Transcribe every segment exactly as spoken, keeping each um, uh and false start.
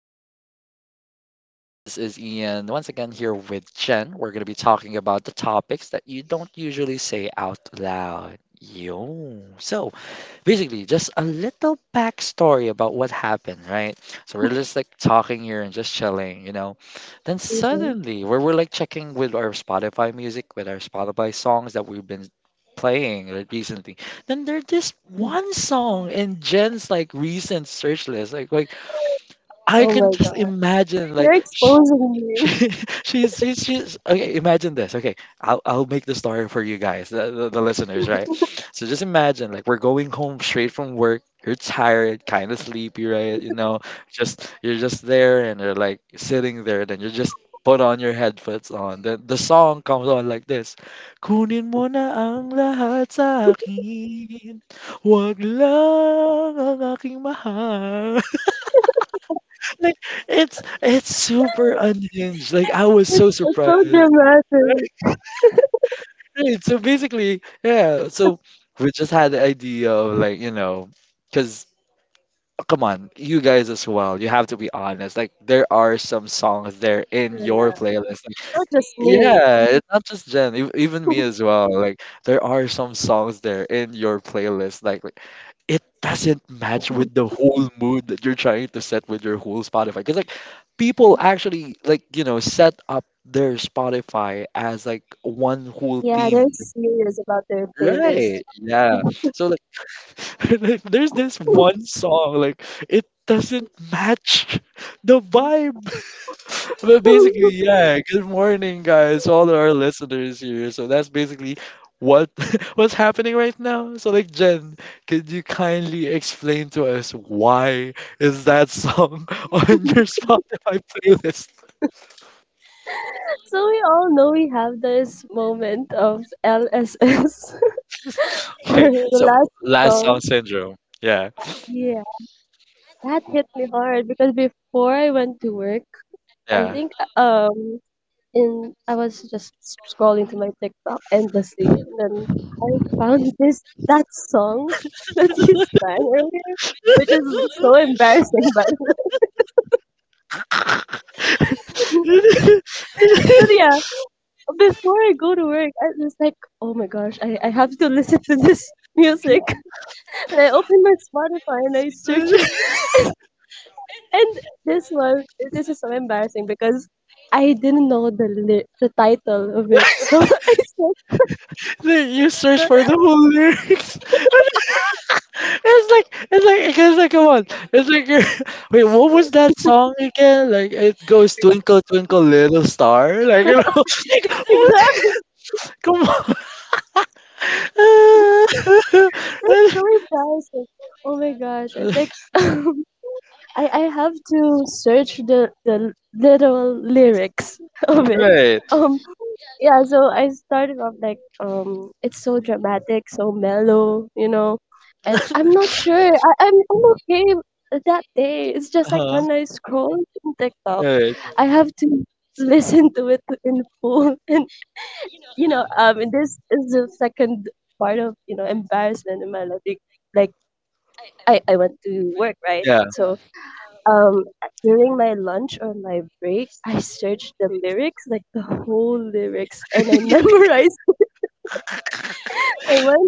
Talks once again. This is Ian once again here with Jen. We're going to be talking about the topics that you don't usually say out loud. Yo. So, basically just a little backstory about what happened, right? So we're just like talking here and just chilling, you know. Then Mhm. suddenly, where we're like checking with our Spotify music, with our Spotify songs that we've been playing re- recently, then there's this one song in Jen's like recent search list, like like I Oh can my just god. imagine You're like. sh- exposing me. she, she's she's she's okay. Imagine this. Okay, I'll I'll make the story for you guys, the, the, the listeners, right? So just imagine, like, we're going home straight from work. You're tired, kind of sleepy, right? You know, just you're just there, and you're like sitting there. Then you just put on your headphones on. Then the song comes on like this: Kunin mo na ang lahat sa akin, wag lang ang aking mahal. Like it's it's super unhinged. Like I was It's, so it's so surprised. dramatic. Right. So basically, yeah. So we just had the idea of like you know, because come on, you guys as well. You have to be honest. Like there are some songs there in Yeah, your playlist. Like, not just me. yeah, it's not just Jen, ev- even me as well. Like there are some songs there in your playlist. Like it doesn't match with the whole mood that you're trying to set with your whole Spotify. Because like people actually like you know set up their Spotify as like one whole Yeah, they're theme. serious about their playlist. Right. Yeah. So like like, there's this one song like it doesn't match the vibe, but basically, yeah. Good morning, guys, all our listeners here. So that's basically what what's happening right now. So like Jen, could you kindly explain to us why is that song on your Spotify playlist? So we all know we have this moment of L S S or Okay, the so last last song. song syndrome. Yeah, Yeah, that hit me hard because before I went to work, I yeah. think um And I was just scrolling to my TikTok endlessly, and then I found this that song that you sang earlier, which is so embarrassing, but but yeah, before I go to work, I was like, oh my gosh, I, I have to listen to this music. And I opened my Spotify and I searched it, and this one, this is so embarrassing because I didn't know the li- the title of it, so I searched Then you search the for the whole lyrics. It's like it's like it's like come on. It's like you're, wait, what was that song again? Like it goes twinkle twinkle little star. Like you know, like, what? exact. Come on. That's so embarrassing. Oh my gosh, I think I I have to search the the literal lyrics of it. Right. Um yeah, so I started off like um it's so dramatic, so mellow, you know. And I'm not sure. I, I'm I'm okay with that day. It's just like Uh-huh. when I scroll on TikTok, Right. I have to listen to it in full and you know, um and this is the second part of, you know, embarrassment in my life. Like I I went to work, right? Yeah. So um during my lunch or my break, I searched the lyrics, like the whole lyrics, and I memorized it. And when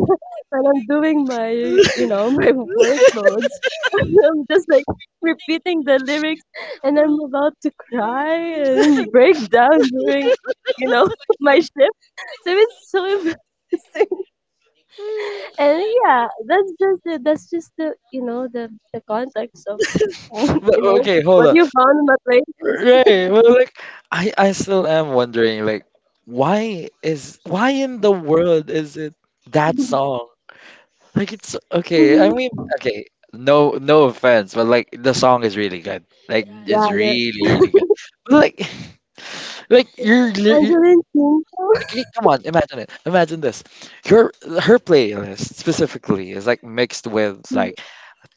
when I'm doing my you know my workloads, I'm just like repeating the lyrics, and I'm about to cry and break down during you know my shift. So it's so embarrassing. And yeah, that's just the, that's just the you know the the context of But you know okay, hold what on. you found in that playlist. Right. But like I I still am wondering like why is why in the world is it that song? Like it's okay. I Hmm, mean, okay. No, no offense, but like the song is really good. Like yeah, it's you're really, really good. But, like, like you're, li- you Angeline King. like, you- come on, imagine it. Imagine this. Your her playlist specifically is like mixed with like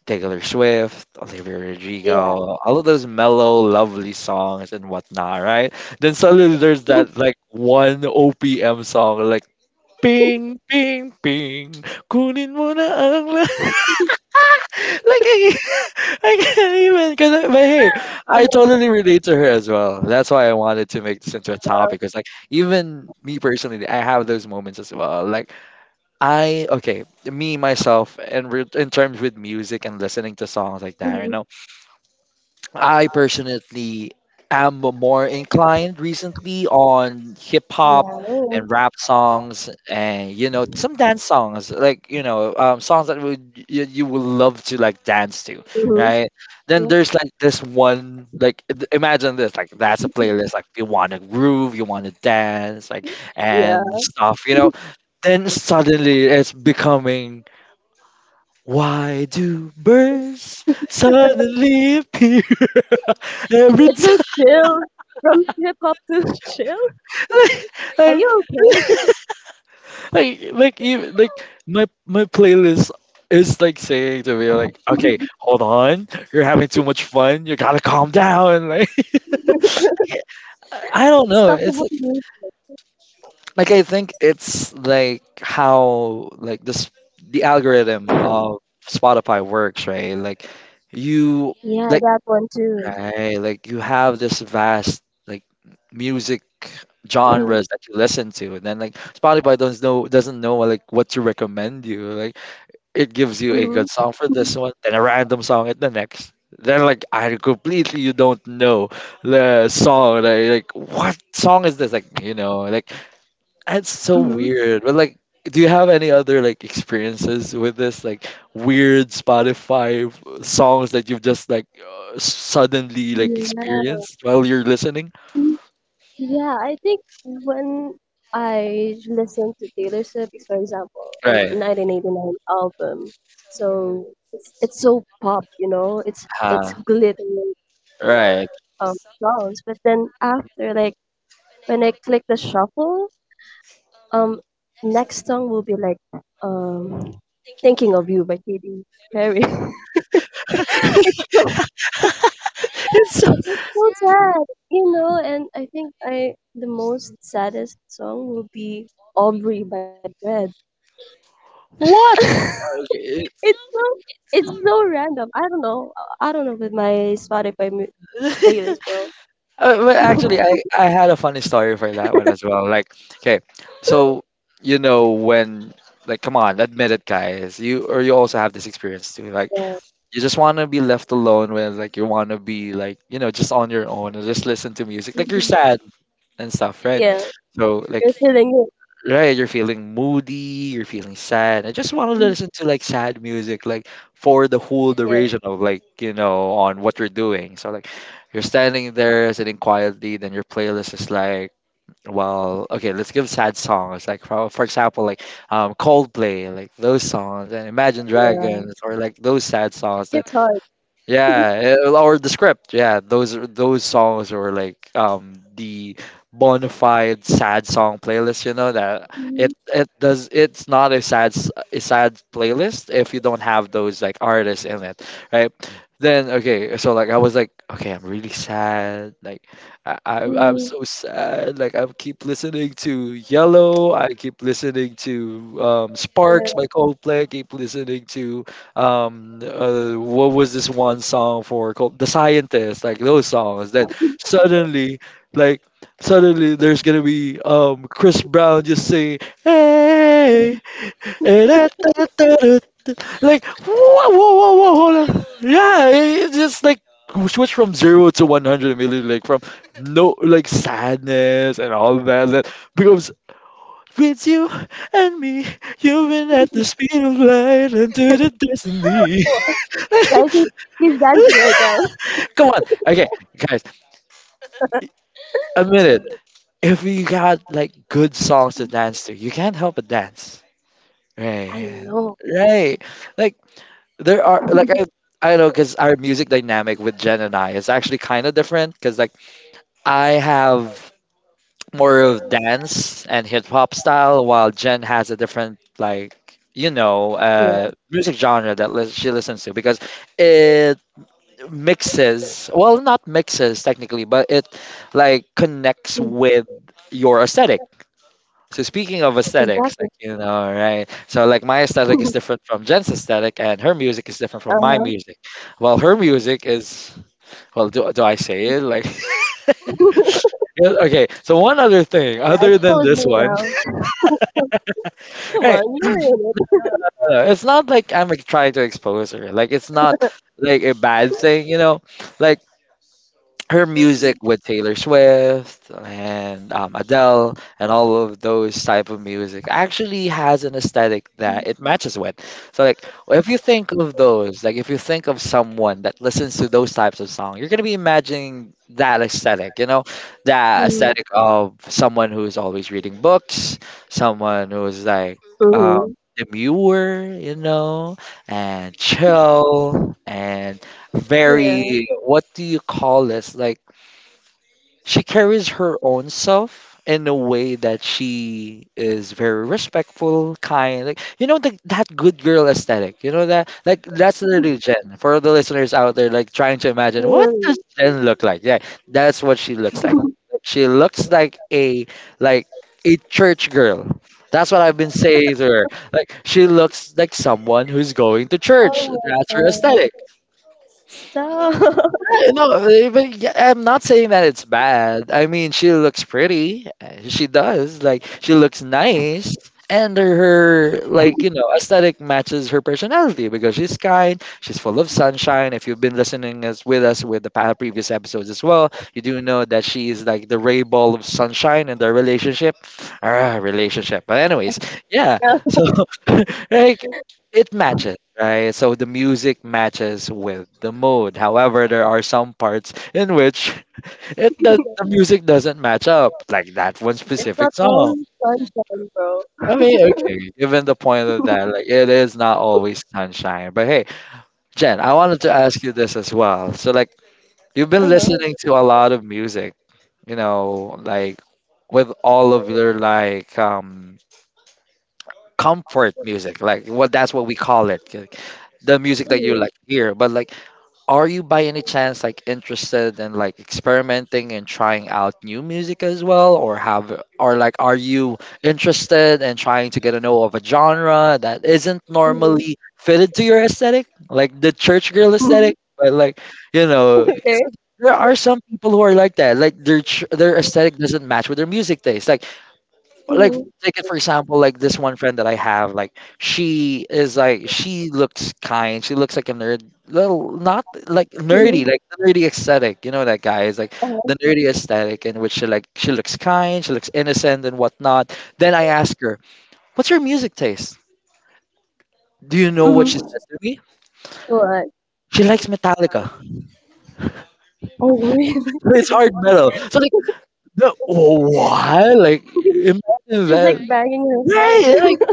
Taylor Swift, Olivia Yeah. Rodrigo, all of those mellow, lovely songs and whatnot, right? Then suddenly there's Mhm. that like one O P M song like. Ping, ping, ping. Kunin mo na ang lahat. like I, I can't even, because but hey, I totally relate to her as well. That's why I wanted to make this into a topic. Cause like even me personally, I have those moments as well. Like I okay, me myself, and in, re- in terms with music and listening to songs like that, you know, I personally am more inclined recently on hip hop Yeah. and rap songs, and you know some dance songs like you know um, songs that would you, you would love to like dance to, Mhm. right? Then Yeah. there's like this one like i- imagine this like that's a playlist like you want to groove, you want to dance like Yeah. and stuff you know. Then suddenly it's becoming why do birds suddenly appear every It's so time. chill, from hip hop to chill. Are Like, you okay? like like even like my my playlist is like saying to me like okay hold on, you're having too much fun, you gotta calm down like I I don't know, Stuff to it's help like, you. like I think it's like how like this the algorithm of Spotify works, right? Like you Yeah, like. that one too. Right, like you have this vast like music Mm-hmm. genres that you listen to, and then like Spotify doesn't know doesn't know like what to recommend you. Like it gives you a good song for this one, then a random song at the next. Then like I completely you don't know the song. Like, like what song is this? Like you know, like that's so Mm-hmm. weird. But like, do you have any other like experiences with this like weird Spotify f- songs that you've just like uh, suddenly like experienced while you're listening? Yeah. Yeah, I think when I listen to Taylor Swift, for example, um, Right. nineteen eighty-nine album, so it's it's so pop, you know, it's it's Uh, glittering, you know, right. um, sounds. But then after, like when I click the shuffle, um, next song will be like um, "Thinking of You" by Katy Perry. it's so, It's so sad, you know. And I think I the most saddest song will be "Aubrey" by Fred. what? Okay. it's so it's so random. I don't know. I don't know with my Spotify mu- playlist, bro. Uh, but actually, I, I had a funny story for that one as well. Like, okay, so you know when like come on, admit it, guys. You or you also have this experience too. Like Yeah. you just want to be left alone when like you want to be like you know just on your own and just listen to music. Like you're Mhm. sad and stuff, right? Yeah, So like you're feeling it. right, you're feeling moody, you're feeling sad. I just want to Mm. listen to like sad music like for the whole Yeah, duration of like you know on what you're doing. So like you're standing there sitting quietly, then your playlist is like. Well, okay, let's give sad songs. Like for, for example, like um Coldplay, like those songs, and Imagine yeah. Dragons, or like those sad songs. It's hard. Yeah, eh, or the script. Yeah, those are- those songs were like um the bona fide sad song playlist. You know that Mhm. it it does it's not a sad s- a sad playlist if you don't have those like artists in it, right? Then okay, so like I was like, okay, I'm really sad. Like I, I I'm Mhm. so sad. Like I keep listening to Yellow. I keep listening to um Yeah. Sparks by Coldplay. I keep listening to um uh, what was this one song for called the scientist like those songs, then suddenly like suddenly there's gonna be um chris brown just saying hey eh, da, da, da, da, da." Like whoa whoa whoa whoa hold on yeah it- it's just like switch from zero to one hundred immediately like from no like sadness and all that, that becomes with you and me, you've been at the speed of light into the destiny. Oh, I think he's dancing right now. Come on. Okay, guys, admit it. If you got like good songs to dance to, you can't help but dance. Right. I know. Right. Like there are like I I know because our music dynamic with Jen and I is actually kind of different because like I have more of dance and hip hop style, while Jen has a different like you know Yeah. uh music genre that lis- she listens to, because mixes well, not mixes technically, but it like connects with your aesthetic. So speaking of aesthetics Exactly. like you know right, so like my aesthetic is different from jen's aesthetic, and her music is different from my Uh-huh. music. Well her music is well, do, do I say it like yeah, okay so one other thing Yeah, other than expose this me one now. Come hey on, you're in it. uh, it's not like I'm like, trying to expose her, like it's not like a bad thing you know like her music with Taylor Swift and um, Adele and all of those type of music actually has an aesthetic Mm. that it matches with. So like if you think of those, like if you think of someone that listens to those types of songs, you're gonna be imagining that aesthetic, you know, that aesthetic of someone who is always reading books, someone who is like um, Mm-hmm. demure, you know, and chill and Yeah. very, what do you call this? Like, she carries her own self in a way that she is very respectful, kind, like you know the, that good girl aesthetic. You know that like that's literally Jen. For the listeners out there, like trying to imagine what does Really. Jen look like? Yeah, that's what she looks like. She looks like a like a church girl. That's what I've been saying to her. Like she looks like someone who's going to church. Oh my That's her god. aesthetic. Stop. Yeah, No, eh, but yeah, I'm not saying that it's bad. I mean, she looks pretty. Eh, She does. Like, she looks nice. And her, like, you know, aesthetic matches her personality because she's kind, she's full of sunshine. If you've been listening as with us with the pa- previous episodes as well, you do know that she is like the ray ball of sunshine in their relationship. Ah, relationship. But anyways, yeah. No, So, like, it matches, right? So the music matches with the mood. However, there are some parts in which it does the music doesn't match up, like that one it's not specific all song. sunshine, bro. I mean okay, given the point of that, like it is not always sunshine, but hey, Jen, I wanted to ask you this as well. So like, you've been listening Uh-huh. to a lot of music, you know, like with all of your like um comfort music, like what, that's what we call it, like the music that you Mhm. like hear. But like, are you by any chance like interested in like experimenting and trying out new music as well? Or have, or like, are you interested in trying to get a know of a genre that isn't Mhm. normally fitted to your aesthetic, like the church girl Mhm. aesthetic? But like, you know, because Okay. like there are some people who are like that, like their ch- their aesthetic doesn't match with their music taste. Like like Mhm. take it for example, like this one friend that I have, like she is like, she looks kind, she looks like a nerd, little, not like nerdy, Mhm. like the nerdy aesthetic, you know, that guy is like Uh-huh. the nerdy aesthetic, in which she, like she looks kind, she looks innocent and whatnot. Then I ask her, what's your music taste? Do you know what she Mhm. said to me? What? She likes Metallica. Oh, really? It's hard metal. So like the, what, like imagine She's like that. banging her Right, like. head.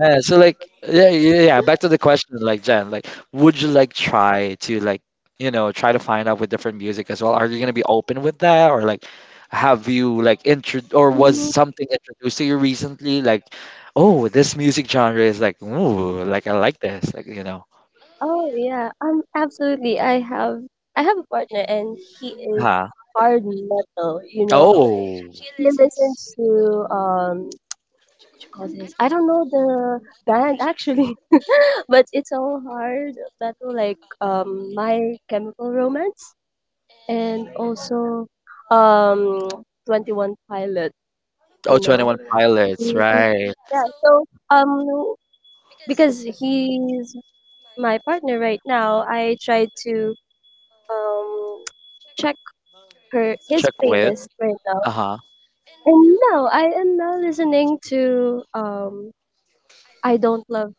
Yeah, so like, yeah, yeah, yeah, back to the question, like Jen, like would you like try to like, you know, try to find out with different music as well? Are you gonna be open with that? Or like, have you like intro, or was Mhm. something introduced to you recently? Like, oh, this music genre is like, ooh, like I like this, like you know. Oh yeah, um, absolutely. I have I have a partner, and he is Huh. hard metal. You know, Oh. he listens to um, what you call this? I don't know the band actually, but it's all hard metal, like um, My Chemical Romance, and also um, Twenty One Pilot. Oh, You twenty know. one Pilots, Mhm. right. Yeah. So um, because he's my partner right now, I try to um check her his Check with. playlist right now. Uh-huh. And now I am now listening to um I Don't Love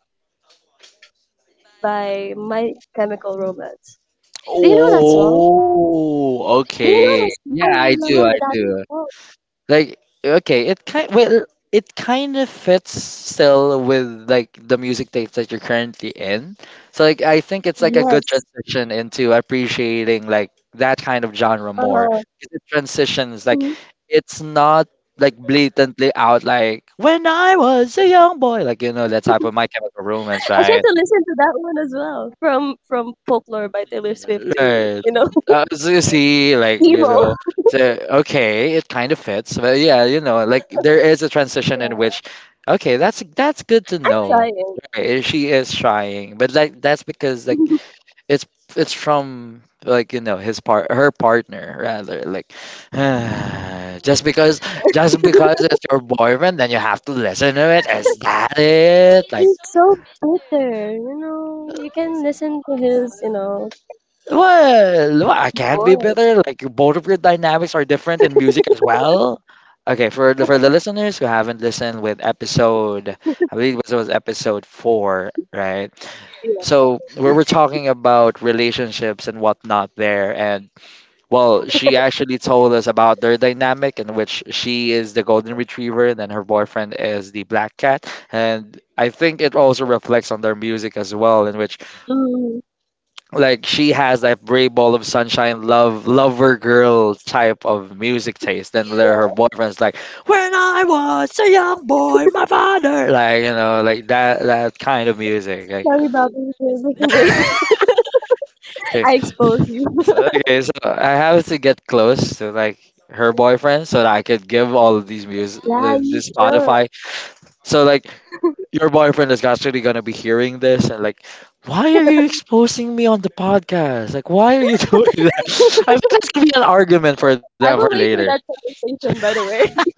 by My Chemical Romance. Do you know that song? Oh, Do you know okay. that song? Yeah, I I do. love I that do. song. Like, okay, it kind, well, it kind of fits still with like the music taste that you're currently in. So like, I think it's like a good Yes. transition into appreciating like that kind of genre more. Uh-huh. 'Cause it transitions, like Mhm. it's not like blatantly out, like when I was a young boy, like you know that type of My Chemical I Romance, tried right? to listen to that one as well. From from Folklore by Taylor Swift to, Right. you know, Uh, so you see, like, you emo. know, so, okay, it kind of fits. But yeah, you know, like there is a transition in Yeah. which, okay, that's that's good to I'm know. trying. Right. She is trying, but like that's because like it's it's from like, you know, his part, her partner rather, like just because just because it's your boyfriend, then you have to listen to it, is that it? Like, He's so bitter, you know. You can listen to his, you know, well, well, I can not be voice. better. Like both of your dynamics are different in music as well. Okay, for the for the listeners who haven't listened with episode, I believe it was episode four, right? Yeah. So we were talking about relationships and whatnot there, and well, she actually told us about their dynamic, in which she is the golden retriever and then her boyfriend is the black cat, and I think it also reflects on their music as well, in which Mm, like she has that brave ball of sunshine love lover girl type of music taste, then there her yeah. boyfriend's like, when I was a young boy, my father, like you know, like that, that kind of music, like Sorry, Bobby. okay. I exposed you. So okay, so I have to get close to like her boyfriend so that I could give all of these music Yeah, the, you the should. Spotify. So like your boyfriend is actually gonna be hearing this, and like, why are you exposing me on the podcast? Like, why are you doing that? I think that's gonna be an argument for them for I will later. wait for that conversation, by the way.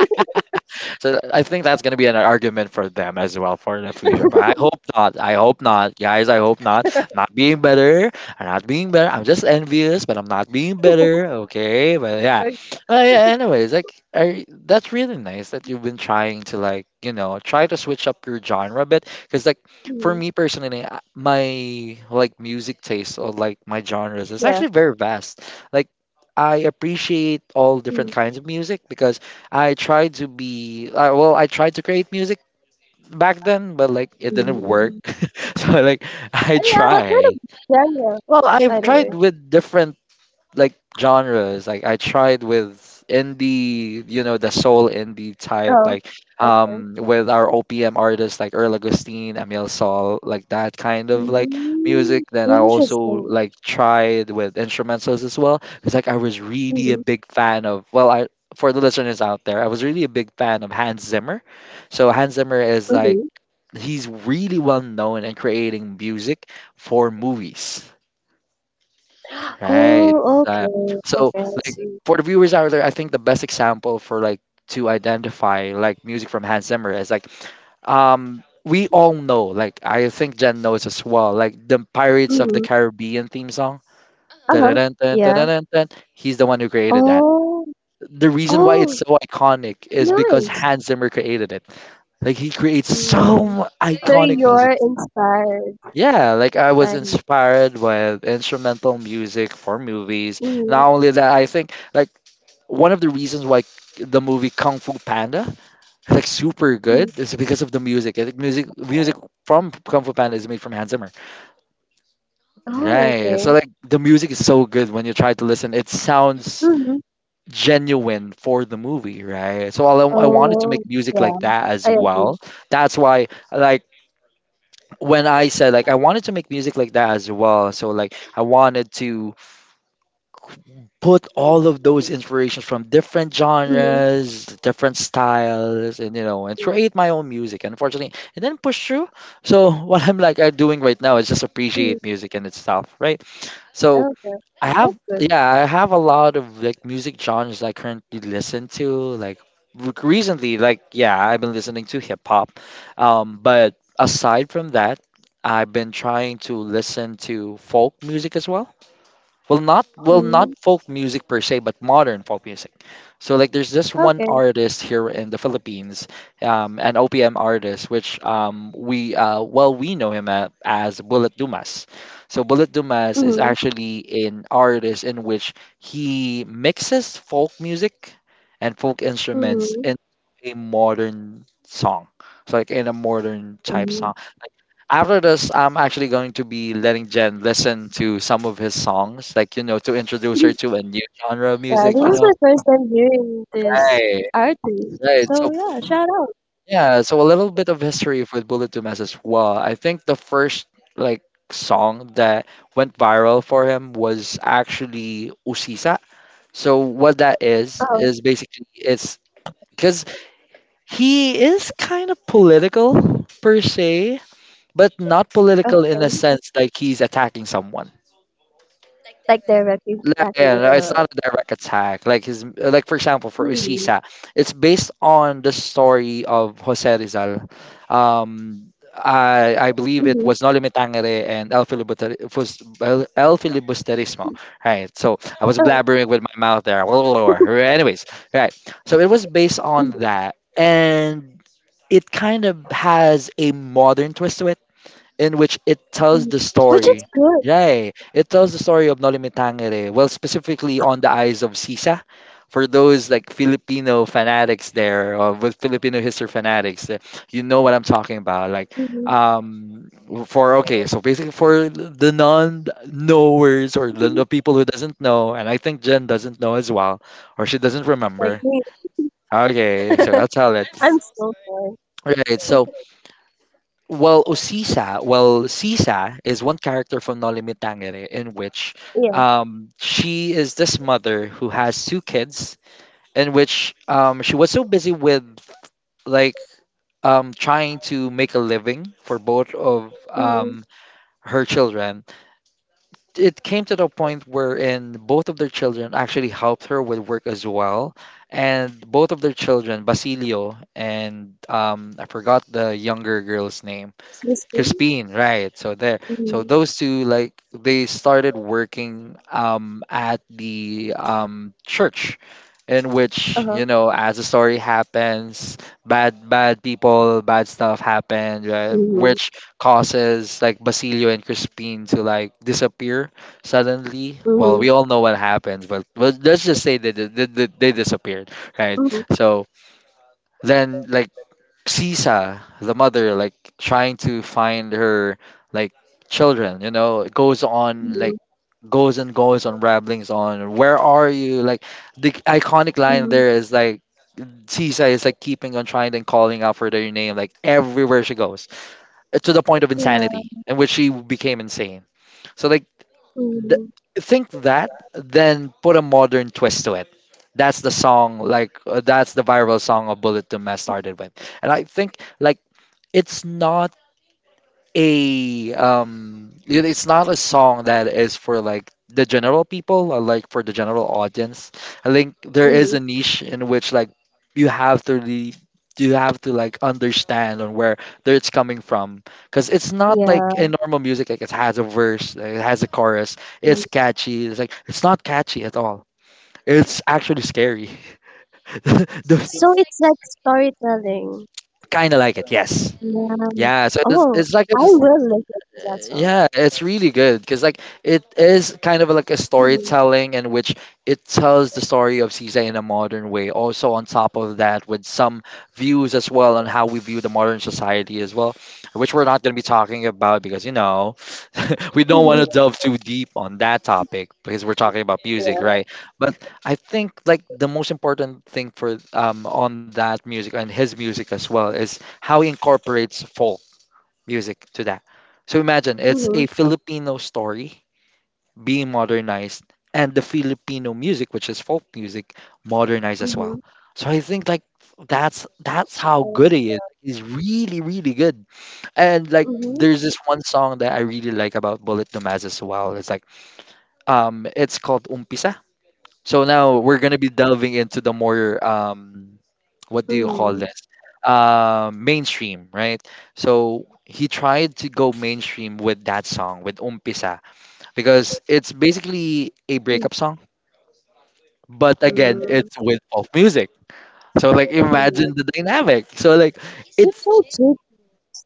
So I think that's gonna be an argument for them as well for the future. But I hope not. I hope not, guys. I hope not. I'm not being better. I'm not being better. I'm just envious, but I'm not being better. Okay, but yeah. Okay. Uh, yeah. Anyways, like I, that's really nice that you've been trying to like, you know, try to switch up your genre a bit. Cause like, for Mm. me personally, I- my like music taste or like my genres is Yeah. actually very vast. Like I appreciate all different Mm, kinds of music, because I tried to be uh, well, I tried to create music back then, but like it didn't work. mm. So like I Oh, yeah. What kind tried. of genre, Well, by I've the way? tried with different like genres. Like I tried with indie, you know, the soul indie type, Oh, like okay. um with our O P M artists like Earl Agustin, Emil Sol, like that kind of like Mm, music. Then I also interesting. like tried with instrumentals as well. Because like I was really a Mm-hmm. big fan of, well, I, for the listeners out there, I was really a big fan of Hans Zimmer. So Hans Zimmer is like, Mm-hmm. he's really well known in creating music for movies. Right. Oh, Uh, okay. so, Okay, I like see. for the viewers out there, I think the best example for like to identify like music from Hans Zimmer is like, um we all know, like I think Jen knows as well, like the Pirates of the Mm-hmm. Caribbean theme song. Uh-huh. Dun-dun-dun, Yeah. dun-dun-dun-dun. He's the one who created that. Oh, The reason why it's oh, so iconic is because nice. Hans Zimmer created it. Like he creates so Mm. mu- So iconic you're music. inspired. Yeah, like I was Time. inspired with instrumental music for movies. Mhm, Not only that, I think like one of the reasons why the movie Kung Fu Panda is like super mm. good is because of the music. I think music music from Kung Fu Panda is made from Hans Zimmer. Oh, Right. So okay. like the music is so good when you try to listen. It sounds Mhm. genuine for the movie, right? So I, I wanted to make Oh, music yeah. like that as I agree. well. That's why like when I said like I wanted to make music like that as well. So like I wanted to put all of those inspirations from different Mhm, genres, different styles, and you know, and create my own music. And unfortunately, it didn't push through. So what I'm like are doing right now is just mhm. appreciate music in itself, right? So Okay. I That's have, good. yeah, I have a lot of like music genres I currently listen to. Like re- recently, like yeah, I've been listening to hip hop. Um, but aside from that, I've been trying to listen to folk music as well. Well not well not Mm. folk music per se, but modern folk music. So like there's this one Okay. artist here in the Philippines, um, an OPM artist, which um, we uh, well, we know him a- as Bullet Dumas. So Bullet Dumas is Mhm, actually an artist in which he mixes folk music and folk instruments mhm. in a modern song. So like in a modern type Mhm. song, after this, I'm actually going to be letting Jen listen to some of his songs, like, you know, to introduce her to a new genre of Yeah, music, you this is know? my first time hearing this Right, artist. right. So So yeah, shout out. yeah, so a little bit of history with Bullet to Mass as well. I think the first, like, song that went viral for him was actually Usisa. So what that is, Oh, is basically it's because he is kind of political per se, but not political in a okay. sense like he's attacking someone. Like directly Yeah, attacking yeah, no, it's the. not a direct attack. Like his, like for example, for Mhm, Usisa, it's based on the story of Jose Rizal. Um, I I believe it mhm. was *Noli Me Tangere and El Filibuster, Fus- El El Filibusterismo. Right. So I was Oh, blabbering with my mouth there. Anyways, right. So it was based mhm, on that, and it kind of has a modern twist to it, in which it tells mhm. the Which is story. good. Yay! It tells the story of Noli Me Tangere, well, specifically on the eyes of Sisa. For those like Filipino fanatics there, or with Filipino history fanatics, eh, you know what I'm talking about. Like, Mhm, um, for, okay, so basically for the non-knowers, or the, mhm. the people who doesn't know, and I think Jen doesn't know as well, or she doesn't Like remember. me. Okay, so I'll tell it. I'm so sorry. Right. So well, Osisa, well, Sisa is one character from Nolimi Tangere, in which Yeah. um, she is this mother who has two kids, in which um, she was so busy with like um, trying to make a living for both of Mhm. um, her children. It came to the point wherein both of their children actually helped her with work as well. And both of their children, Basilio and um, I forgot the younger girl's name, Crispy. Crispin, right. So there. So Mhm. those two, like they started working um at the um church, in which, Uh-huh. you know, as the story happens, bad bad people, bad stuff happened, right? Mhm. Which causes like Basilio and Crispin to like disappear suddenly. Well, Mhm. we all know what happens, but, but let's just say they, they, they, they disappeared, right? Mhm. So then like Sisa, the mother, like trying to find her like children, you know, it goes on like Mhm. goes and goes on ramblings on, where are you? Like the iconic line Mhm. there is like Sisa is like keeping on trying and calling out for their name like everywhere she goes uh, to the point of Yeah. insanity in which she became insane. So like th- Mhm. think that then put a modern twist to it. That's the song like uh, that's the viral song of Bullet to Mess started with. And I think like it's not a um it- it's not a song that is for like the general people or like for the general audience. I think there is Mhm. a niche in which like you have to really, you have to like understand on where that it's coming from, because it's not Yeah. like a normal music, like it has a verse, like it has a chorus. Mhm. It's catchy, it's like it's not catchy at all, it's actually scary. the, So it's like storytelling. kind of like it, yes, Yeah. yeah, so it's, Oh, it's like I a s- will listen to that song. yeah, it's really good because like it is kind of like a Mhm. storytelling in which it tells the story of Caesar in a modern way. Also on top of that, with some views as well on how we view the modern society as well, which we're not going to be talking about because you know, we don't want to Mhm. delve too deep on that topic because we're talking about music, Yeah. right? But I think like the most important thing for um on that music and his music as well is how he incorporates folk music to that. So imagine it's Mhm. a Filipino story being modernized, and the Filipino music, which is folk music, modernized as well. Mhm. So I think like that's that's how Mhm. good he is. He's really, really good. And like Mhm. there's this one song that I really like about Bullet Dumaz as well. It's like um it's called Umpisa. So now we're gonna be delving into the more um, what do you call this? Um, mainstream, right? So he tried to go mainstream with that song with Umpisa because it's basically a Mhm. breakup song, but again, Mhm. it's with pop music. So like Mhm. imagine the dynamic. So like You it's, told Jake.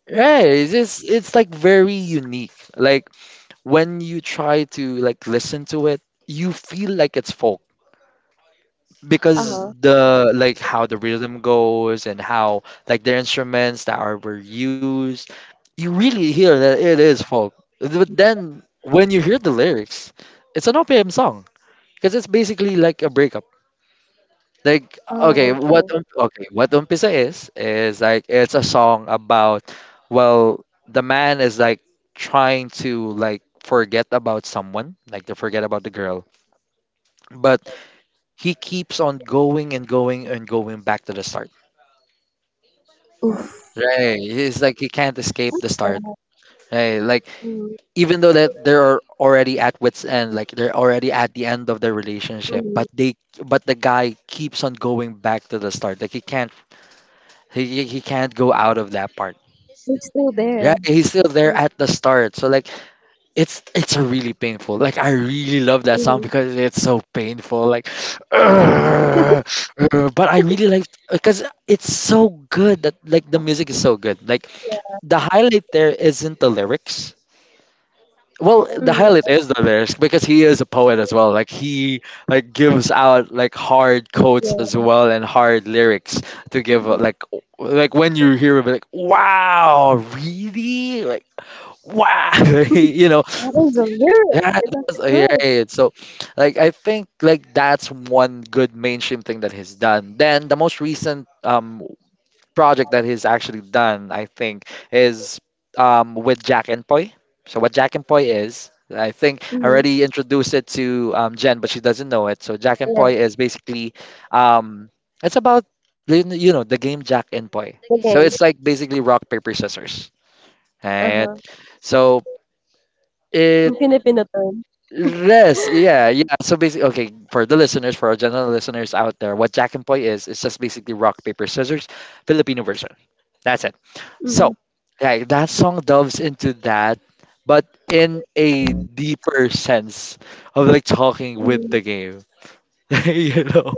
yeah, it's just, it's like very unique. Like when you try to like listen to it, you feel like it's folk because Uh-huh. the like how the rhythm goes and how like the instruments that are were used, you really hear that it is folk. But then when you hear the lyrics, it's an O P M song because it's basically like a breakup. Like okay Oh, what okay. um- okay what umpisa is is like it's a song about, well, the man is like trying to like forget about someone, like to forget about the girl, but he keeps on going and going and going back to the start. Oof. Right. It's like you can't escape the What's start. that? Right. Like Mhm. even though that they're already at wits end, like they're already at the end of their relationship, Mhm. but they, but the guy keeps on going back to the start. Like he can't, he he he can't go out of that part. It's still Yeah, there. he's still there at the start. So like it's it's a really painful. Like I really love that song Mhm. because it's so painful. Like but I really like because it's so good that like the music is so good. Like Yeah. the highlight there isn't the lyrics. Well, Oh my the Mhm. highlight God. is the lyrics because he is a poet as well. Like he like gives out like hard quotes Yeah. as well and hard lyrics to give uh, Mhm. like o- like when you hear it, like wow, really like wow, you know, That is a lyric. yeah, That's that's, yeah, good. right. So like I think like that's one good mainstream thing that he's done. Then the most recent um project that he's actually done, I think, is um, with Jack and Poi. So what Jack and Poi is, I think I Mhm. already introduced it to um, Jen, but she doesn't know it. So Jack and Yeah. Poi is basically, um, it's about you kn- you know the game Jack and Poi. The So it's game. like basically rock paper scissors, right? Uh-huh. So it, Yung Filipino term. yes, yeah, yeah. So basically, okay, for the listeners, for our general listeners out there, what Jack and Poi is, it's just basically rock, paper, scissors, Filipino version. That's it. Mhm. So, like that song delves into that, but in a deeper sense of like talking with Mhm. the game. You know,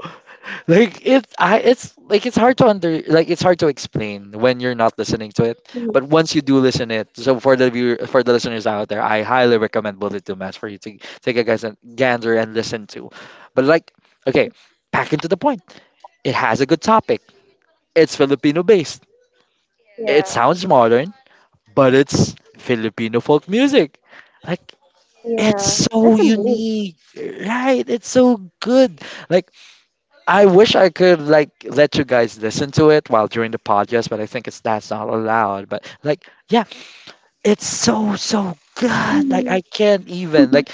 like it, I, it's like it's hard to under, like it's hard to explain when you're not listening to it. Mhm. But once you do listen it, so for the viewer, for the listeners out there, I highly recommend Bullet to Mass for you to take a guys and gander and listen to. But like, okay, back into the point. It has a good topic. It's Filipino based. Yeah. It sounds modern, but it's Filipino folk music. Like Yeah. it's so That's amazing. unique, right? It's so good. Like I wish I could like let you guys listen to it while during the podcast, but I think it's that's not allowed. But like yeah, it's so so good. Like Mhm. I can't even like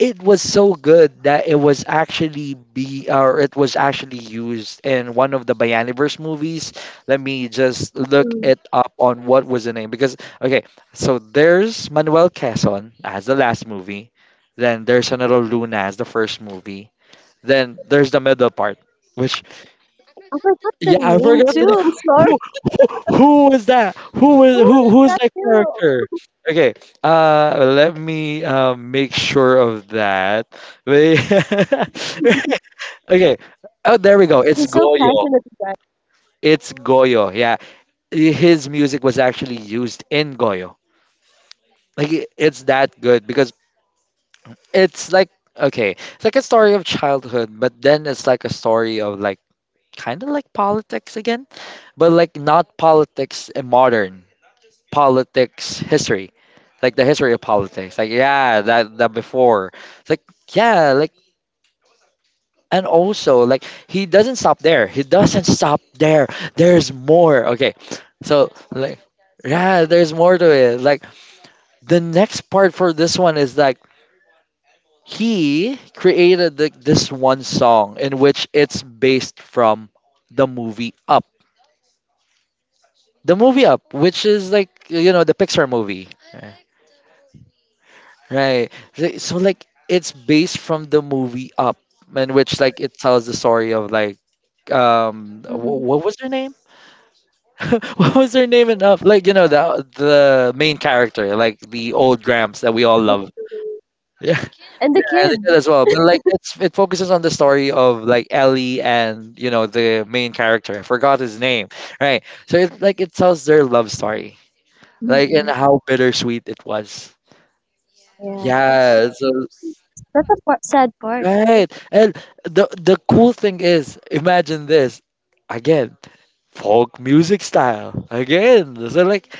it was so good that it was actually be, or it was actually used in one of the Bayaniverse movies. Let me just look Mm. it up on what was the name, because okay, so there's Manuel Quezon as the last movie, then there's another Luna as the first movie, then there's the middle part, which, I forgot the yeah, I name forgot the too. name. I'm sorry. Who who who was that? Who Who was is who who's that that hero? character? Okay. Uh, let me uh, make sure of that. Wait. Okay. Oh, there we go. It's He's so Goyo. passionate about It's Goyo. Yeah. His music was actually used in Goyo. Like i- it's that good because it's like okay, it's like a story of childhood, but then it's like a story of like kind of like politics again, but like not politics in modern politics history, like the history of politics. Like yeah, that that before. It's like yeah, like, and also like he doesn't stop there. He doesn't stop there. There's more. Okay, so like yeah, there's more to it. Like the next part for this one is like he created the, this one song in which it's based from the movie Up, the movie Up, which is like you know the Pixar movie, right? Right. Th- So like it's based from the movie Up, in which like it tells the story of like it. um Mhm. wh- what was her name? What was her name in Up? Like you know the the main character, like the old Gramps that we all love. Yeah, And the kid. yeah, they did as well. But like, it's it focuses on the story of like Ellie and you know the main character. I forgot his name, right? So it like it tells their love story, like and Mhm. how bittersweet it was. Yeah, that's Yeah, so that's a part, sad part, right? right. And the the cool thing is, imagine this again, folk music style again. So like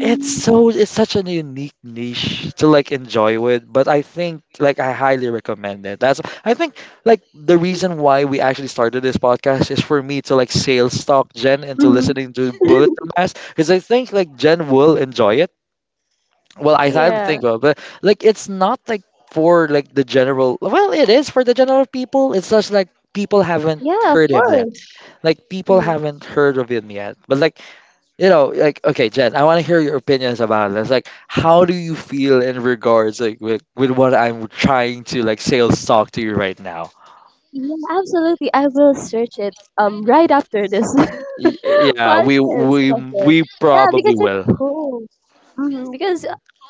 it's so it's such a unique niche to like enjoy with. But I think like I highly recommend it. That's I think like the reason why we actually started this podcast is for me to like sales talk Jen into Mm-hmm. listening to Bullet Dumbass because I think like Jen will enjoy it. Well, I I to think Yeah. so, but like it's not like for like the general. Well, it is for the general people. It's just like people haven't Yeah, of heard him yet. course. Like people Mm. haven't heard of him yet. But like you know, like okay, Jen, I want to hear your opinions about this. Like, how do you feel in regards like with with what I'm trying to like sales talk to you right now? Yeah, absolutely. I will search it um right after this Y- yeah, we podcast. we Of course. we Yeah, probably because it's will. cool. Hmm. Because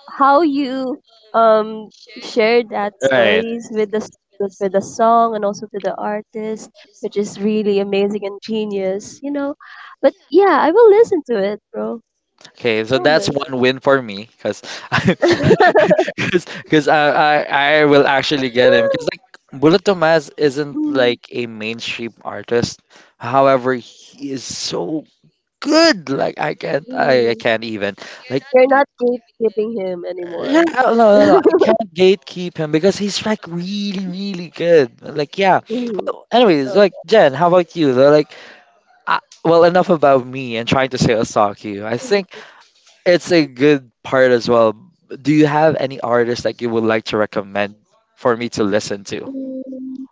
how you um share that Right. stories with the s- with with the song and also to the artist, which is really amazing and genius, you know. But yeah, I will listen to it, bro. Okay, so that's Promise. one win for me, because because I, I I will actually get him because like Bullet Tomas isn't Mm, like a mainstream artist. However, he is so good. Like I can't, I, I mm. can't even like You're not gatekeeping him yeah, anymore. no, no, no. I can't gatekeep him because he's like really, really good. Like, yeah. Mm, Well, anyways, like okay. Jen, how about you? They're like, uh, well, enough about me and trying to say Osaki. I think it's a good part as well. Do you have any artists that you would like to recommend for me to listen to? Mm,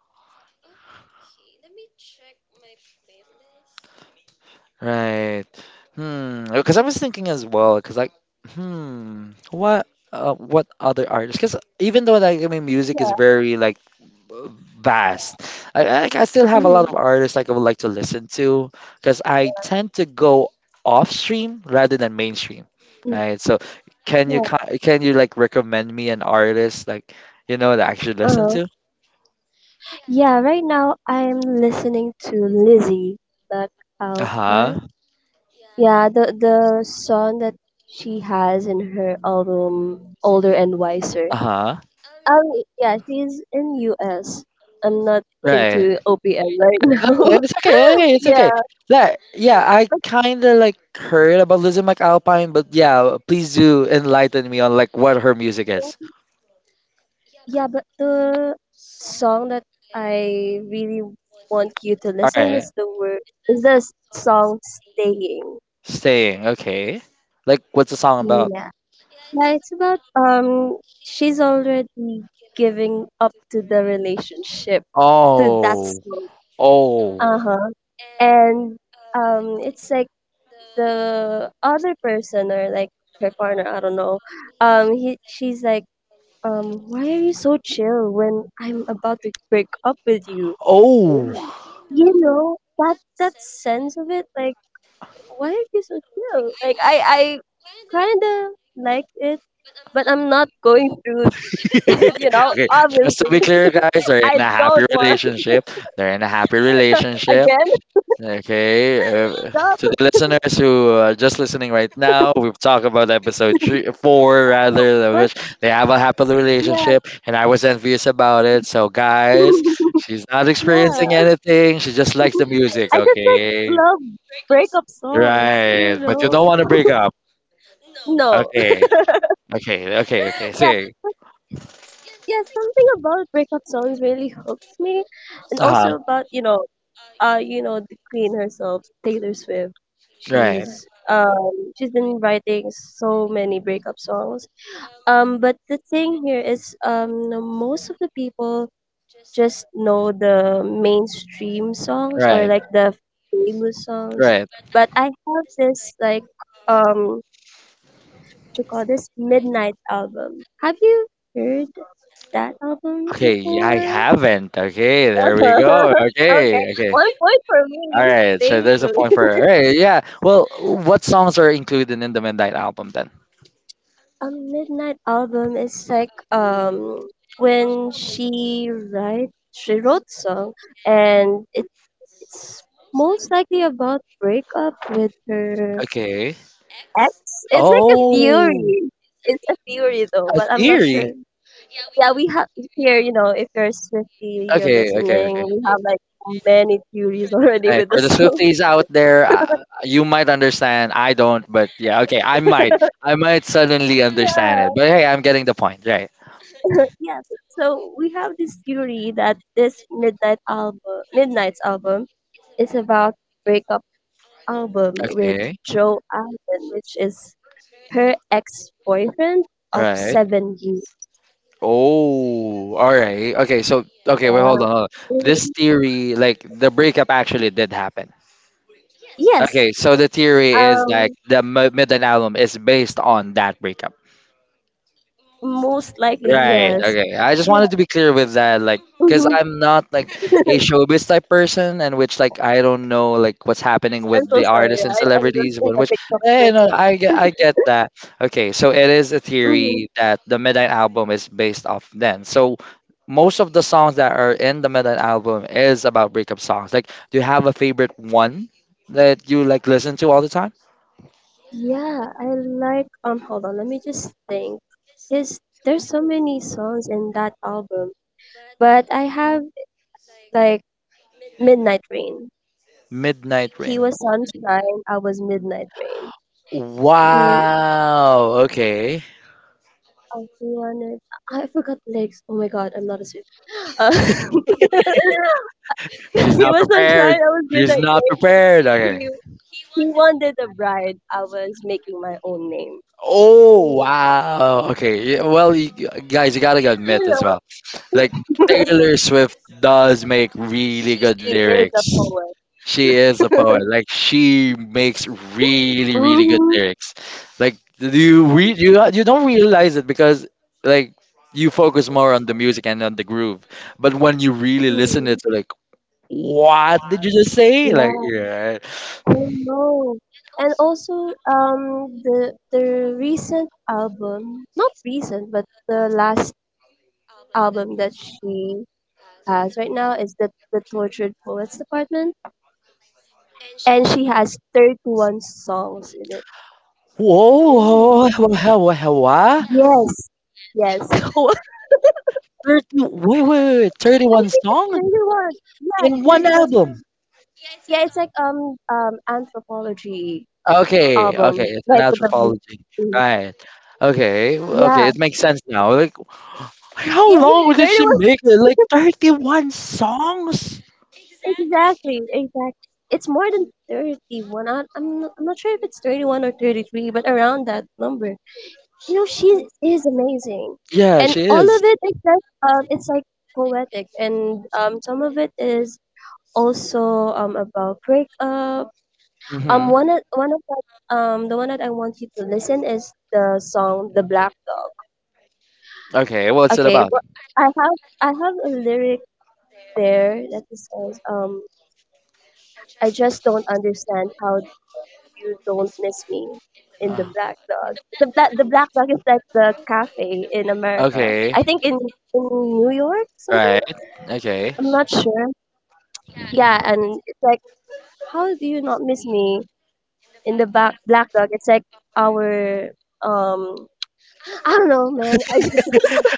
Right. Hmm. Because I was thinking as well. Because like, hmm, what, uh, what other artists? Because even though like I mean, music yeah, is very like vast. I, I like, I still have a mm, lot of artists like I would like to listen to because I tend to go off stream rather than mainstream, mm, right? So can you yeah. ki- can you like recommend me an artist like you know that I should listen Uh, to? yeah, right now I'm listening to Lizzie Uh McAlpine. huh. Yeah, the the song that she has in her album Older and Wiser. Uh huh. Um, yeah, she's in U S. I'm not Right. into O P M right No, now. it's okay. Hey, it's okay. Like, yeah, I kind of like heard about Lizzie McAlpine, but yeah, please do enlighten me on like what her music is. Yeah. Yeah, but the song that I really want you to All listen right. is the word is the s- song "Staying." Staying, okay. Like, what's the song about? Yeah. Yeah, it's about um she's already giving up to the relationship to that Oh, song. oh, Uh-huh. And um it's like the other person or like her partner, I don't know. Um he she's like, um, why are you so chill when I'm about to break up with you? Oh. oh. You know, that that sense of it, like, why are you so chill? Like I I kinda like it, but I'm not going through it, you know, Okay, just to obviously. be clear, guys, they're I in a happy don't want relationship. They're in a happy relationship. again Okay, uh, to the stuff. listeners who are just listening right now, we've talked about episode three, four, rather, But which they have a happy yeah. relationship, and I was envious about it. So, guys, she's not experiencing Yeah. anything. She just likes the music, I just like okay? love breakup songs, Right, you but you know. don't want to break up. No. Okay, okay, okay, okay. Yeah. Say, Yeah, something about breakup songs really hooks me, and uh-huh. also about you know, uh, you know the queen herself, Taylor Swift. Right, She's um she's been writing so many breakup songs. Um, but the thing here is um most of the people just know the mainstream songs or right, like the famous songs. right. But I have this like um what you call this midnight album. Have you heard that album Okay, yeah, I before? haven't. Okay, there we go. Okay, Okay, okay. one point for All me, right, so there's a thankfully. point for her. Right, yeah. Well, what songs are included in the Midnight album then? A midnight album is like um when she write she wrote song and it, it's most likely about breakup with her Okay. ex. It's like a Oh, theory. It's a theory though, a but I'm not theory. sure. Yeah, we have here, you know, if you're Swifty, you're Okay, okay, listening. okay. We have like many theories already Okay, with the for the Swifties songs. out there, uh, you might understand. I don't, but yeah, okay, I might. I might suddenly understand it. Yeah. But hey, I'm getting the point, right? Yeah, so we have this theory that this midnight album, Midnight's album, is about breakup album with Okay, Joe Allen, which is her ex-boyfriend of right. seven years. Oh, all right. Okay, so okay, wait, Yeah. hold on. Hold on. This Mhm. theory, like the breakup, actually did happen. Yes, Okay, so the theory is um, like the M- Midnight album is based on that breakup. most likely Right. yes. Okay. I just Yeah. wanted to be clear with that. Like, because Hmm. I'm not like a showbiz type person, and which like I don't know like what's happening I'm with so the sorry. artists and I, I'm celebrities. just But a which, TikTok eh, no, person. I get I get that. Okay, so it is a Mhm. theory that the Midnight album is based off then. So most of the songs that are in the Midnight album is about breakup songs. Like, do you have a favorite one that you like listen to all the time? Yeah, I like um hold on, let me just think. Cause there's so many songs in that album. But I have like Midnight Rain. Midnight He Rain. was sunshine, I was midnight rain. He Wow. Okay. I wanted. I forgot the lyrics. Oh my god, I'm not a Swift. Uh, She's he not was prepared. sunshine, I was She's midnight not rain. prepared. Okay. He he wanted a bride, I was making my own name. Oh Mm. wow. Okay. Yeah, well, you guys, you gotta admit You as know, well. Like Taylor Swift does make really good he is a lyrics. poet. She is a poet. Like she makes really, really good Mm-hmm. lyrics. Like do you re- you you don't realize it because like you focus more on the music and on the groove. But when you really listen Mm, it's like, what did you just say? Like, yeah, yeah. I know. And also, um, the the recent album, not recent, but the last album that she has right now is the the Tortured Poets Department, and she has thirty-one songs in it. Whoa, Oh. whoa, whoa, whoa, whoa, whoa, whoa. Yes, yes. thirty, wait, wait, wait, wait, I thirty-one think it's songs thirty-one. Yeah, in one thirty-one. Right? album. Yeah, it's like um um anthropology Okay. Okay, okay, album, it's an like the anthropology. mm, Right. Okay, w- yeah, okay, it makes sense now. Like, how yeah, it's long did she thirty-one. make it? Like thirty-one songs? Exactly, exactly. It's more than thirty-one. I, I'm, not- I'm not sure if it's thirty-one or thirty-three, but around that number. You know, she is amazing. Yeah, And she all of is. it is like, um, it's like poetic. And um, some of it is also um, about breakup. Um, hmm. one of, one of that, um, the one that I want you to listen is the song The Black Dog. Okay, what's it Okay, about? but I have, I have a lyric there that it says, um, I just don't understand how you don't miss me in the Uh, black dog. The black the black dog is like the cafe in America. okay, I think in in New York something. right. Okay. I'm not sure. Yeah, and it's like how do you not miss me in the black black dog? It's like our um I don't know, man. I just,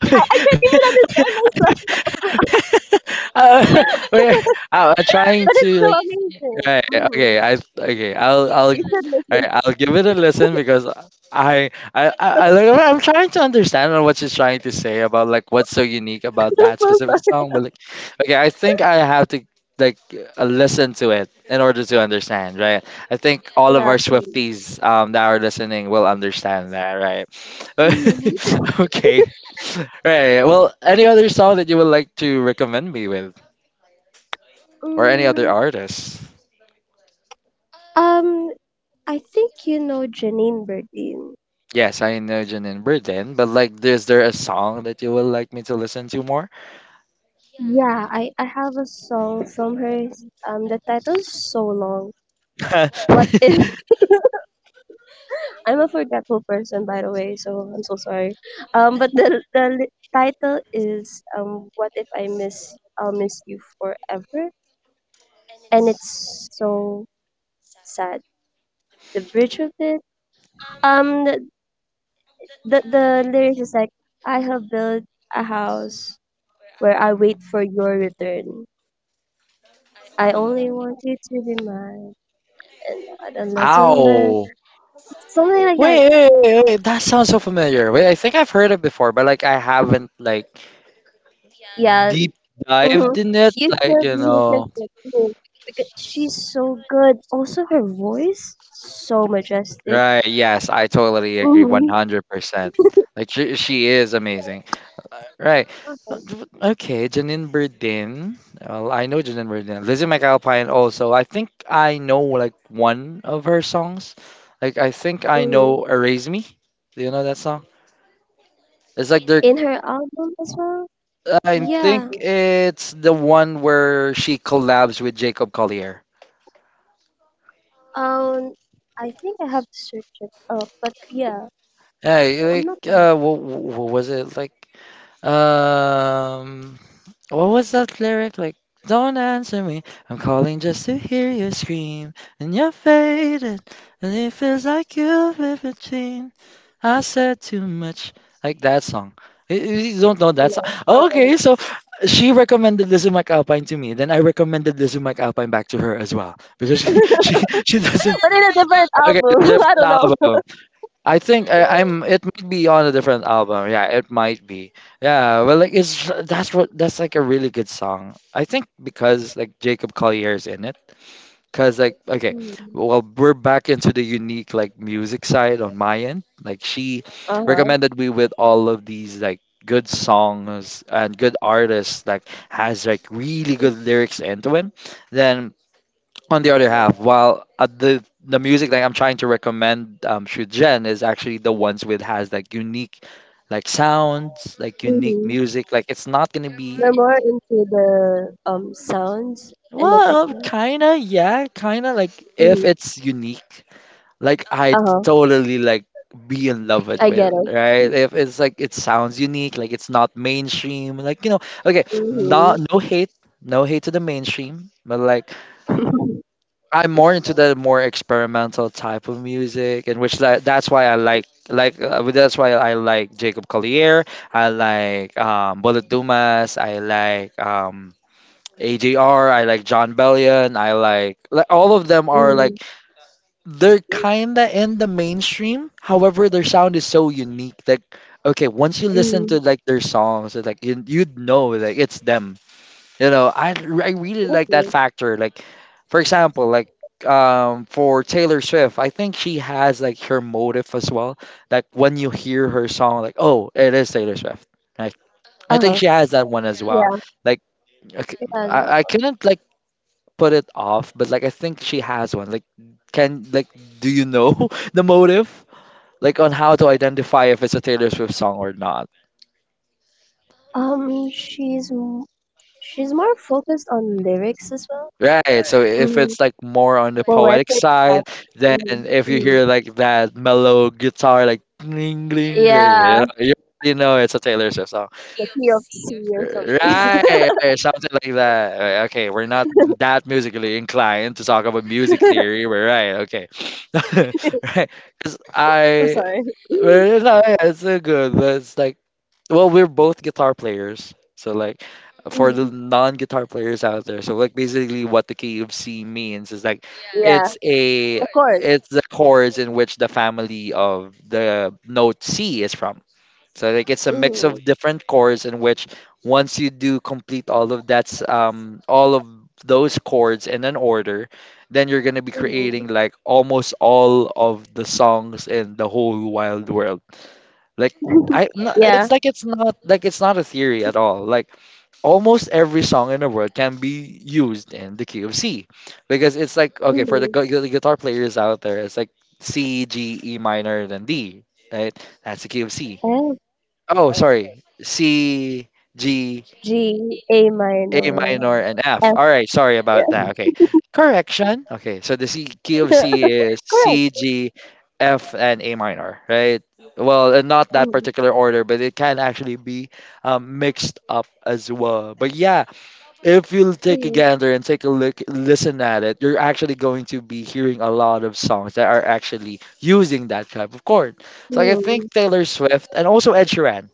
I, I can't even understand myself, uh, we I, I'm trying but it's to so like. amazing. Right. Okay. Hmm. I. Okay. I'll. I'll. You should listen. Alright, I'll give it a listen because I. I. I. I like, I'm trying to understand on what she's trying to say about like what's so unique about that specific song. But like, okay, I think I have to like uh, listen to it in order to understand. Right. I think all of Yeah, our please. Swifties um that are listening will understand that. Right. Hmm. okay. Right. Well, any other song that you would like to recommend me with, or any other Mm, artist? um, I think you know Janine Berdin. Yes, I know Jen and Burden, but like, is there a song that you would like me to listen to more? Yeah, I, I have a song from her. Um, the title is so long. What if I'm a forgetful person, by the way, so I'm so sorry. Um, but the the li- title is um, What if I miss I'll miss you forever, and it's so sad. The bridge of it. Um, the the, the lyrics is like I have built a house where I wait for your return. I only want you to be mine. God, and there's one there. Ow! Something like that. Wait, wait, wait, wait, that sounds so familiar. Wait, I think I've heard it before, but like, I haven't like Yeah. deep Hmm. dived in it. You Like, should you listen know. to her because she's so good. Also, her voice so majestic. Right. Yes, I totally agree. One Hmm. hundred percent. Like she, she is amazing. Uh, Right. Uh, d- Okay, Janine Berdin. Well, I know Janine Berdin. Lizzie McAlpine also. I think I know like one of her songs. Like I think I Hmm. know "Erase Me." Do you know that song? It's like they're. In her album as well. I Yeah. think it's the one where she collabs with Jacob Collier. Um, I think I have to search it up, but yeah, Yeah, I'm not like gonna. uh, what, what was it like? Um, What was that lyric like? Don't answer me. I'm calling just to hear you scream. And you're faded. And it feels like you've lived between. I said too much. Like that song. You you don't know that No, song. I don't. Okay, so she recommended Lizzie McAlpine to me. Then I recommended Lizzie McAlpine back to her as well. Because she, But she, she doesn't. in a different Okay, the album, I different don't know. album. I think I, I'm. It might be on a different album. Yeah, it might be. Yeah, well, like it's that's what that's like a really good song. I think because like Jacob Collier is in it. Cause like okay, Mm. well we're back into the unique like music side on my end. Like she Uh huh. recommended me with all of these like good songs and good artists like has like really good lyrics into it. Then on the other half, while uh, the the music that I'm trying to recommend um, through Jen is actually the ones with has like unique like sounds, like unique Mm-hmm. music. Like it's not gonna be We're more into the um sounds and the well, techno. kinda, yeah, kinda like Mhm. if it's unique, like I Uh-huh. totally like be in love I it get with, it. right? If it's like it sounds unique, like it's not mainstream, like you know, okay, Mhm. not no hate, no hate to the mainstream, but like I'm more into the more experimental type of music, and which that, that's why I like like uh, that's why I like Jacob Collier. I like um, Bullet Dumas. I like um, A J R. I like John Bellion. I like like all of them are Mhm. like they're kinda in the mainstream. However, their sound is so unique that okay, once you listen Mhm. to like their songs, it's like you, you'd know like it's them. You know, I I really like that Okay. factor. Like, for example, like um for Taylor Swift, I think she has like her motive as well. Like when you hear her song, like oh, it is Taylor Swift. Like I Uh-huh. think she has that one as well. Yeah. Like I c- Yeah, I, no. I couldn't like put it off, but like I think she has one. Like can like do you know the motive? Like on how to identify if it's a Taylor Swift song or not? Um, she's m- she's more focused on lyrics as well. Right. So if Mm-hmm. it's like more on the poetic Poetic type. side, then if Mm-hmm. you Mm-hmm. hear like that mellow guitar, like ding, ding, ding, you Yeah, know, you already know it's a Taylor Swift song. the P of C or something. Right, right, something like that. Right, okay, we're not that musically inclined to talk about music theory. We're right. Okay, right. Because I'm I, sorry. well, it's not- it's so good. But it's like, well, we're both guitar players, so like for Mhm. the non-guitar players out there. So like basically what the K F C means is like Yeah, it's the a chord. it's the chords in which the family of the note C is from. So like it's a mix Mm-hmm. of different chords in which once you do complete all of that's um all of those chords in an order, then you're gonna be Mm-hmm. creating like almost all of the songs in the whole wild world. Like I no, Yeah. it's like it's not like it's not a theory at all. Like almost every song in the world can be used in the key of C, because it's like okay for the, Mm-hmm. gu- the guitar players out there it's like C G E minor then D, right? That's the key of C. Oh sorry, C, G, G, A A minor, minor and F. F. All right, sorry about Yeah. that. Okay, correction. Okay, so the C key of C is C Correct. G F and A minor, right? Well, uh, not that Mm, particular order, but it can actually be um, mixed up as well. But yeah, if you take a mm, gander and take a look listen at it, you're actually going to be hearing a lot of songs that are actually using that type of chord. So like I think mm. Taylor Swift and also Ed Sheeran,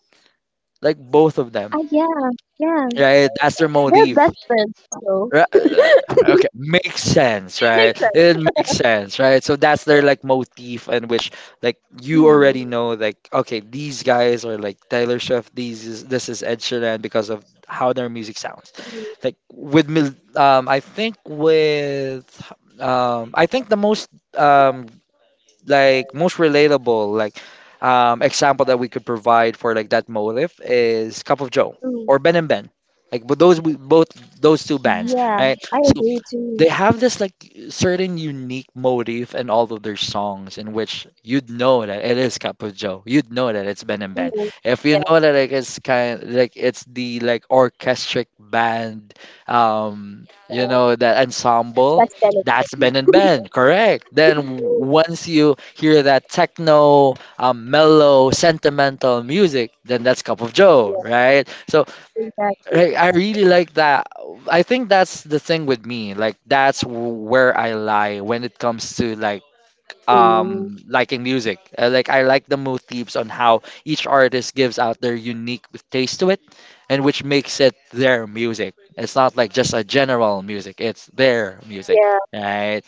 like both of them, Ah, yeah, yeah. right? That's their They're motif. best friends, so Right, uh, okay, makes sense, makes right? sense. It makes sense, right? So that's their like motif in which like you Mm, already know like okay, these guys are like Taylor Swift, these is this is Ed Sheeran because of how their music sounds. mm, Like with Mil- um I think with um I think the most um like most relatable like um, example that we could provide for like that motive is Cup of Joe mm. or Ben and Ben. Like but those we- both those two bands, Yeah, right? I So agree too. they have this like certain unique motif in all of their songs in which you'd know that it is Capo. You'd know that it's Ben and Ben. Mm, If you yeah, know that like it's kind like it's the like orchestric band, um, you uh, know that ensemble, that's better. that's Ben and Ben, correct? Then once you hear that techno, um, mellow, sentimental music, then that's Cup of Joe, Yeah, right? So exactly. right, I really like that. I think that's the thing with me. Like that's w- where I lie when it comes to like Mm. um liking music. Uh, like I like the motifs on how each artist gives out their unique taste to it, and which makes it their music. It's not like just a general music. It's their music, Yeah. right?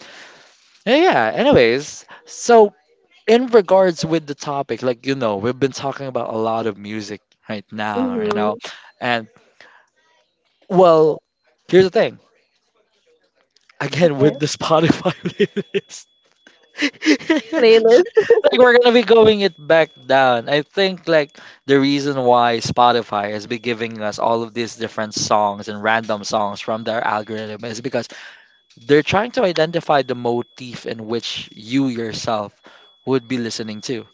Yeah. Anyways, so in regards with the topic, like you know, we've been talking about a lot of music right now. You Mm-hmm. know, and well, here's the thing. Again, Okay. with the Spotify playlist, Playlist. like we're gonna be going it back down. I think like the reason why Spotify has been giving us all of these different songs and random songs from their algorithm is because they're trying to identify the motif in which you yourself would be listening to.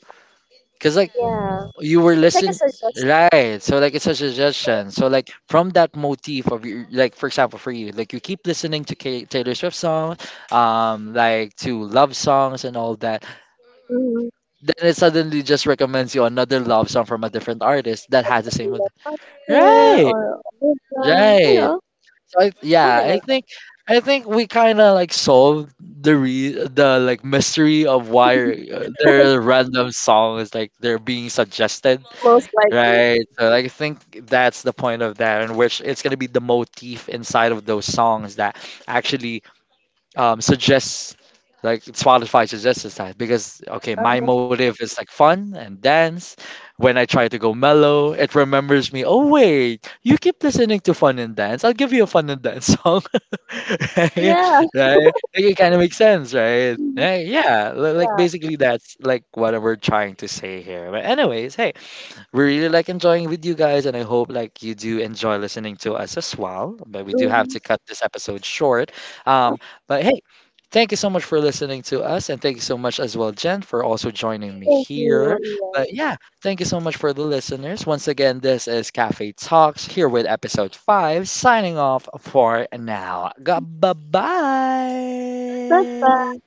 Because like Yeah. you were It's like a listening, suggestion. right? So like it's a suggestion. So like from that motif of your, like for example for you, like you keep listening to K- Taylor Swift songs, um like to love songs and all that, Mm-hmm. then it suddenly just recommends you another love song from a different artist that has the same with- Like, right, or Olivia, you right. know, So I, yeah, something I like. think, I think we kind of like solved the re the like mystery of why uh, there random songs like they're being suggested, Most likely. right? So like I think that's the point of that, in which it's gonna be the motif inside of those songs that actually um, suggests, like Spotify suggests us that because okay, Um, my motive is like fun and dance. When I try to go mellow, it remembers me. Oh wait, you keep listening to fun and dance. I'll give you a fun and dance song, right? yeah, Right? Like, it kind of makes sense, right? Right? Yeah, li- like yeah. basically that's like what we're trying to say here. But anyways, hey, we really like enjoying with you guys, and I hope like you do enjoy listening to us as well. But we do have Mm, to cut this episode short. Um, but hey, thank you so much for listening to us, and thank you so much as well, Jen, for also joining me thank you. here. Yeah. But yeah, thank you so much for the listeners. Once again, this is Cafe Talks here with episode five. Signing off for now. Bye Bye. bye.